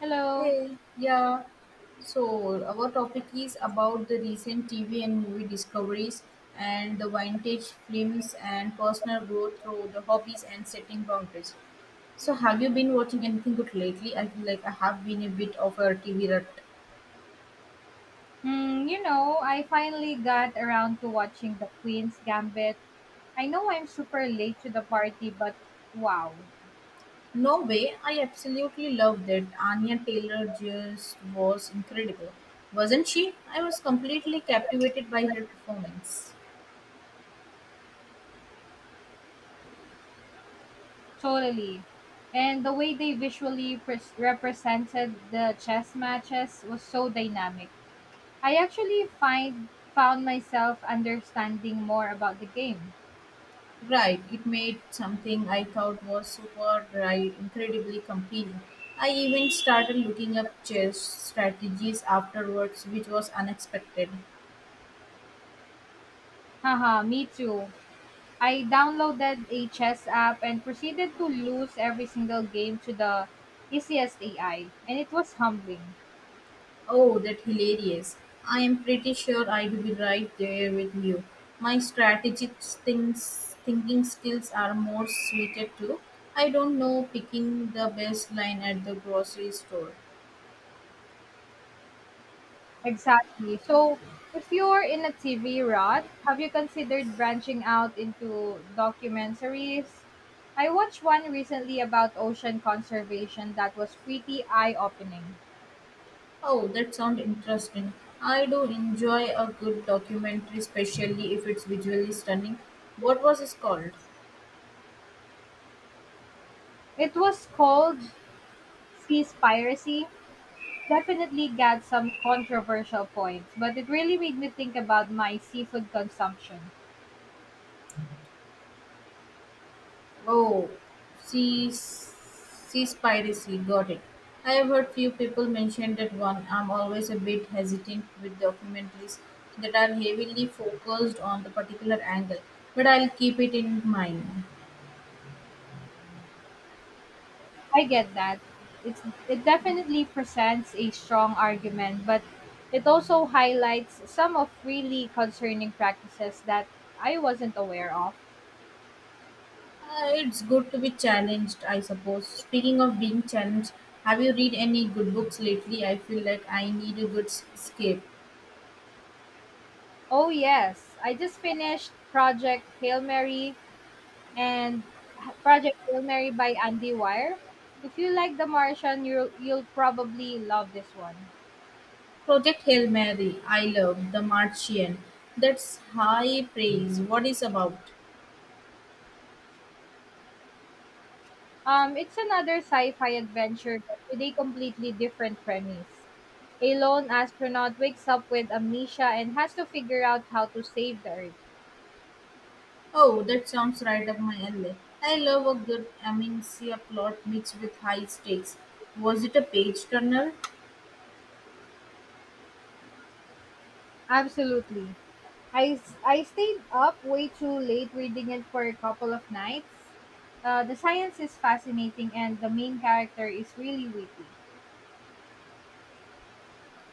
Hello. Hey, yeah. So our topic is about the recent TV and movie discoveries and the vintage films and personal growth through the hobbies and setting boundaries. So have you been watching anything good lately? I feel like I have been a bit of a TV rut. Hmm, I finally got around to watching The Queen's Gambit. I know I'm super late to the party, but wow, No way, I absolutely loved it. Anya Taylor just was incredible. Wasn't she? I was completely captivated by her performance. totally. And the way they visually pres represented the chess matches was so dynamic. I actually find found myself understanding more about the game. Right, it made something I thought was super right incredibly compelling. I even started looking up chess strategies afterwards, which was unexpected. Haha, me too. I downloaded a chess app and proceeded to lose every single game to the easiest AI, and it was humbling. Oh, that hilarious. I am pretty sure I'd be right there with you. My strategic things, thinking skills are more suited to, I don't know, picking the best line at the grocery store. Exactly. So, if you're in a TV rut, have you considered branching out into documentaries? I watched one recently about ocean conservation that was pretty eye opening. Oh, that sounds interesting. I do enjoy a good documentary, especially if it's visually stunning. What was it called? It was called Seaspiracy. Definitely got some controversial points, but it really made me think about my seafood consumption. Oh, Sea Piracy. Got it. I have heard few people mention that one. I'm always a bit hesitant with documentaries that are heavily focused on the particular angle, but I'll keep it in mind. I get that. It's it definitely presents a strong argument, but it also highlights some of really concerning practices that I wasn't aware of. It's good to be challenged, I suppose. Speaking of being challenged, have you read any good books lately? I feel like I need a escape. Oh yes, I just finished and Project Hail Mary by Andy Weir. If you like The Martian, you'll probably love this one. Project Hail Mary, I love The Martian. That's high praise. What is about? It's another sci-fi adventure but with a completely different premise. A lone astronaut wakes up with amnesia and has to figure out how to save the Earth. Oh, that sounds right up my alley. I love a good amencia plot mixed with high stakes. Was it a page turner? Absolutely. I stayed up way too late reading it for a couple of nights. The science is fascinating and the main character is really witty.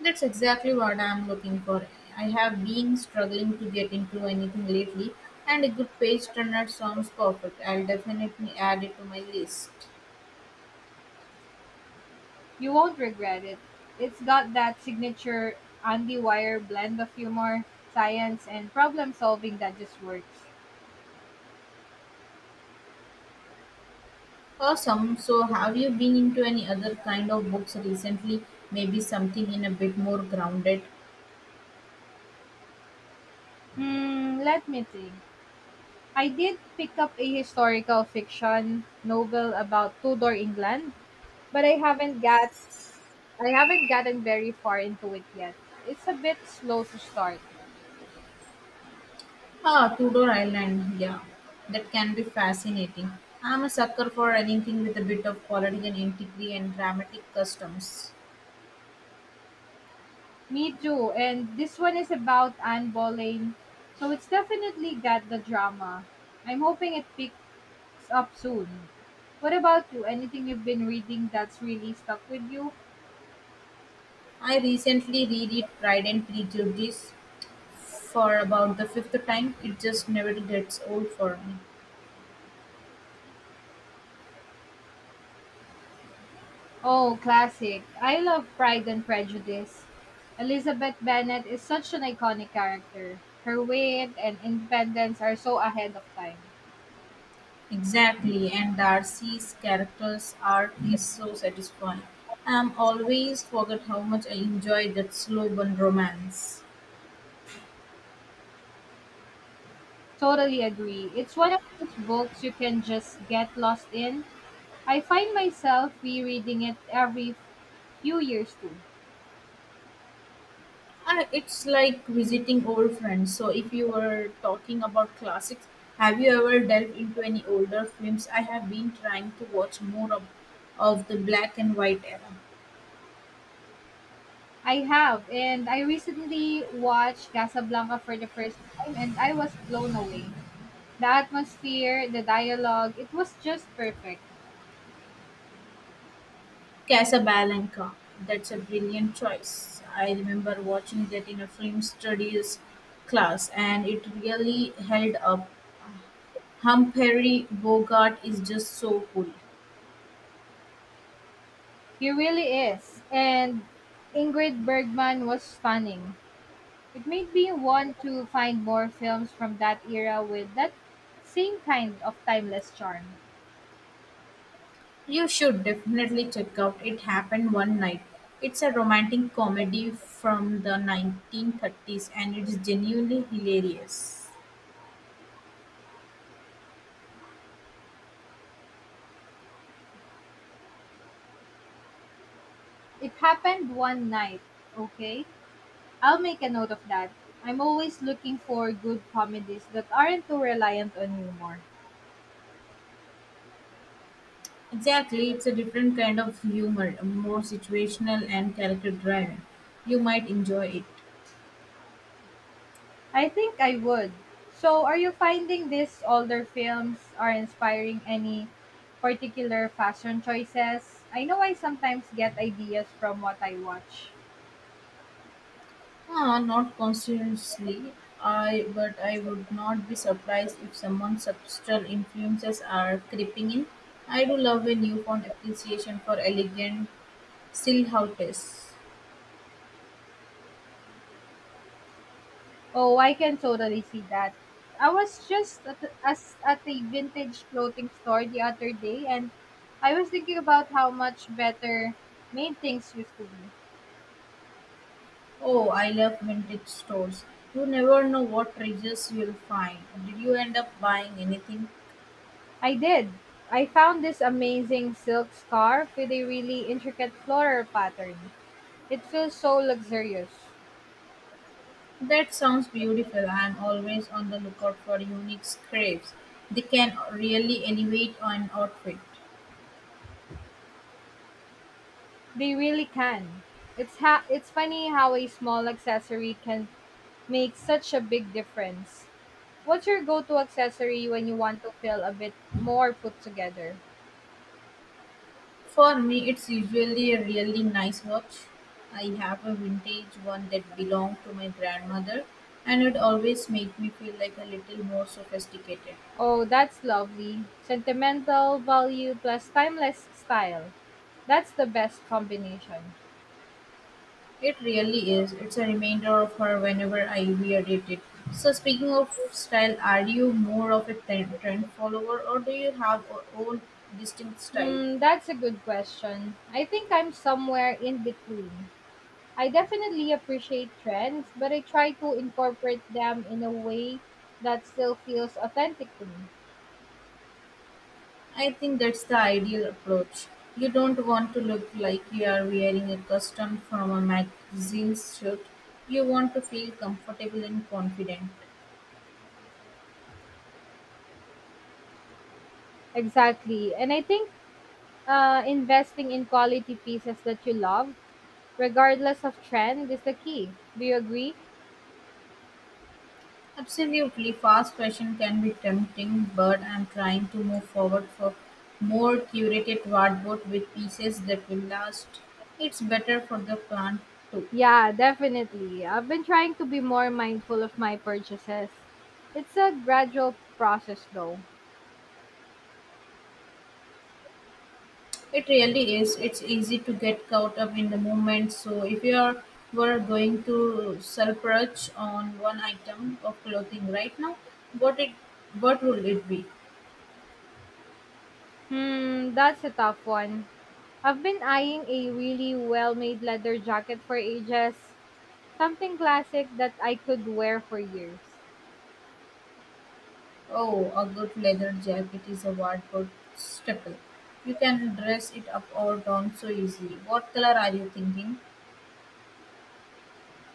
That's exactly what I'm looking for. I have been struggling to get into anything lately, and a good page turner sounds perfect. I'll definitely add it to my list. You won't regret it. It's got that signature Andy Wire blend of humor, science, and problem solving that just works. Awesome. So, have you been into any other kind of books recently? Maybe something in a bit more grounded? Hmm, let me think. I did pick up a historical fiction novel about Tudor England, but I haven't gotten very far into it yet. It's a bit slow to start. Ah, Tudor Island. Yeah, that can be fascinating. I'm a sucker for anything with a bit of political intrigue and dramatic customs. Me too. And this one is about Anne Boleyn, so it's definitely got the drama. I'm hoping it picks up soon. What about you? Anything you've been reading that's really stuck with you? I recently reread Pride and Prejudice for about the fifth time. "It just never gets old for me." Oh, classic. I love Pride and Prejudice. Elizabeth Bennet is such an iconic character. Her wit and independence are so ahead of time. Exactly, and Darcy's character's arc is so satisfying. I'm always forget how much I enjoy that slow burn romance. Totally agree. It's one of those books you can just get lost in. I find myself rereading it every few years too. I, it's like visiting old friends. So, if you were talking about classics, have you ever delved into any older films? I have been trying to watch more of the black and white era. I have, and I recently watched Casablanca for the first time and I was blown away. The atmosphere, the dialogue, it was just perfect. Casablanca. That's a brilliant choice. I remember watching that in a film studies class, and it really held up. Humphrey Bogart is just so cool. He really is, and Ingrid Bergman was stunning. It made me want to find more films from that era with that same kind of timeless charm. You should definitely check out It Happened One Night. It's a romantic comedy from the 1930s and it's genuinely hilarious. It happened one night, okay? I'll make a note of that. I'm always looking for good comedies that aren't too reliant on humor. Exactly, it's a different kind of humor, more situational and character driven. You might enjoy it. I think I would. So, are you finding these older films are inspiring any particular fashion choices? I know I sometimes get ideas from what I watch. Ah, not consciously, I but I would not be surprised if someone's subtle influences are creeping in. I do love a newfound appreciation for elegant silhouettes. Oh, I can totally see that. I was just at a vintage clothing store the other day and I was thinking about how much better made things used to be. Oh, I love vintage stores. You never know what treasures you'll find. Did you end up buying anything? I did. I found this amazing silk scarf with a really intricate floral pattern. It feels so luxurious. That sounds beautiful. I'm always on the lookout for unique scrapes. They can really elevate an outfit. They really can. It's funny how a small accessory can make such a big difference. What's your go-to accessory when you want to feel a bit more put together? For me, it's usually a really nice watch. I have a vintage one that belonged to my grandmother, and it always made me feel like a little more sophisticated. Oh, that's lovely. Sentimental value plus timeless style. That's the best combination. It really is. It's a reminder of her whenever I wear it. So, speaking of style, are you more of a trend follower or do you have your own distinct style? Hmm, that's a good question. I think I'm somewhere in between. I definitely appreciate trends, but I try to incorporate them in a way that still feels authentic to me. I think that's the ideal approach. You don't want to look like you are wearing a custom from a magazine shoot. You want to feel comfortable and confident. Exactly. And I think investing in quality pieces that you love, regardless of trend, is the key. Do you agree? Absolutely, fast fashion can be tempting, but I'm trying to move forward for more curated wardrobe with pieces that will last. It's better for the plant too. Yeah, definitely. I've been trying to be more mindful of my purchases. It's a gradual process, though. It really is. It's easy to get caught up in the moment. So, if you are, were going to surplus on one item of clothing right now, what it what would it be? Hmm, that's a tough one. I've been eyeing a really well made leather jacket for ages, something classic that I could wear for years. Oh, a good leather jacket is a wardrobe staple. You can dress it up or down so easily. What color are you thinking?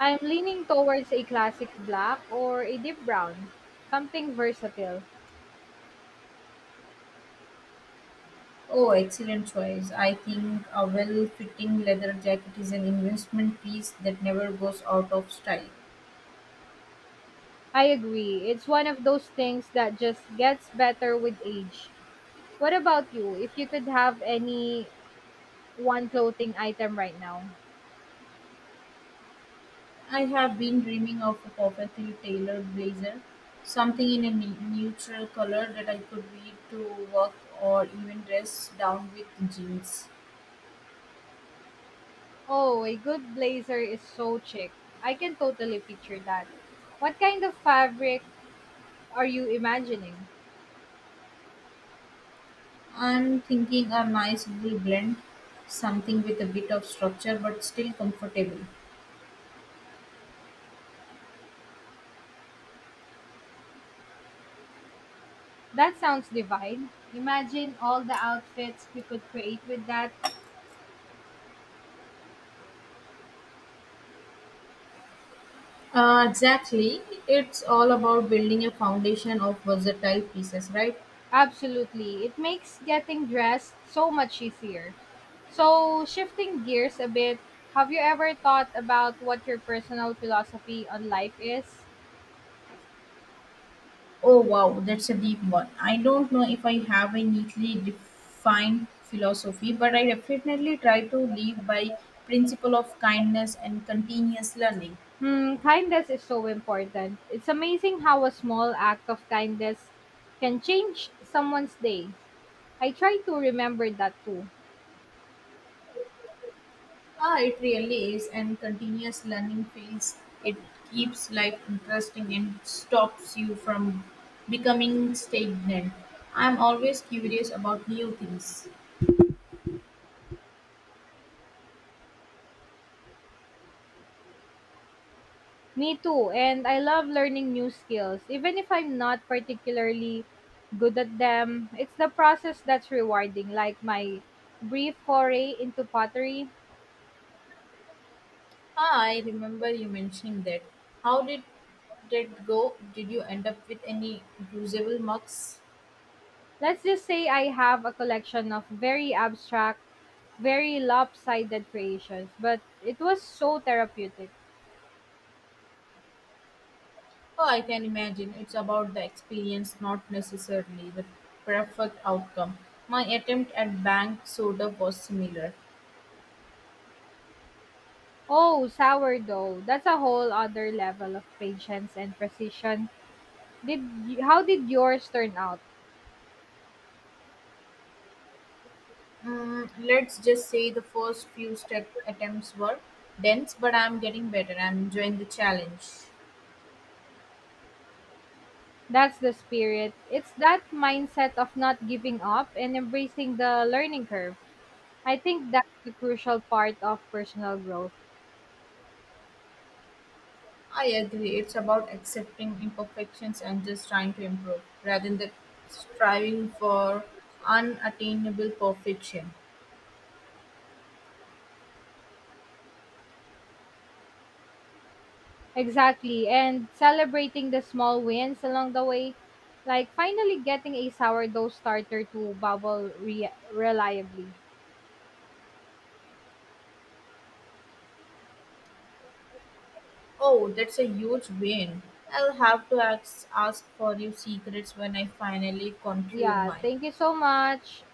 I'm leaning towards a classic black or a deep brown. Something versatile. Oh, excellent choice. I think a well fitting leather jacket is an investment piece that never goes out of style. I agree. It's one of those things that just gets better with age. What about you? If you could have any one clothing item right now. I have been dreaming of a perfectly tailored blazer, something in a neutral color that I could wear to work or even dress down with jeans. Oh, a good blazer is so chic. I can totally picture that. What kind of fabric are you imagining? I'm thinking a nice wool blend, something with a bit of structure but still comfortable. That sounds divine. Imagine all the outfits we could create with that. Exactly, it's all about building a foundation of versatile pieces, right? Absolutely. It makes getting dressed so much easier. So, shifting gears a bit, have you ever thought about what your personal philosophy on life is? Oh wow, that's a deep one. I don't know if I have a neatly defined philosophy, but I definitely try to live by principle of kindness and continuous learning. Hmm, kindness is so important. It's amazing how a small act of kindness can change someone's day. I try to remember that too. Ah, it really is, and continuous learning feels it keeps life interesting and stops you from becoming stagnant. I'm always curious about new things. Me too, and I love learning new skills. Even if I'm not particularly good at them, it's the process that's rewarding, like my brief foray into pottery. Ah, I remember you mentioning that. How did that go? Did you end up with any usable mugs? Let's just say I have a collection of very abstract, very lopsided creations, but it was so therapeutic. Oh, I can imagine. It's about the experience, not necessarily the perfect outcome. My attempt at bank soda was similar. Oh, sourdough. That's a whole other level of patience and precision. How did yours turn out? Let's just say the first few step attempts were dense, but I'm getting better. I'm enjoying the challenge. That's the spirit. It's that mindset of not giving up and embracing the learning curve. I think that's the crucial part of personal growth. I agree. It's about accepting imperfections and just trying to improve rather than striving for unattainable perfection. Exactly. And celebrating the small wins along the way, like finally getting a sourdough starter to reliably. Oh, that's a huge win. I'll have to ask for your secrets when I finally conquer Yeah, mine. thank you so much.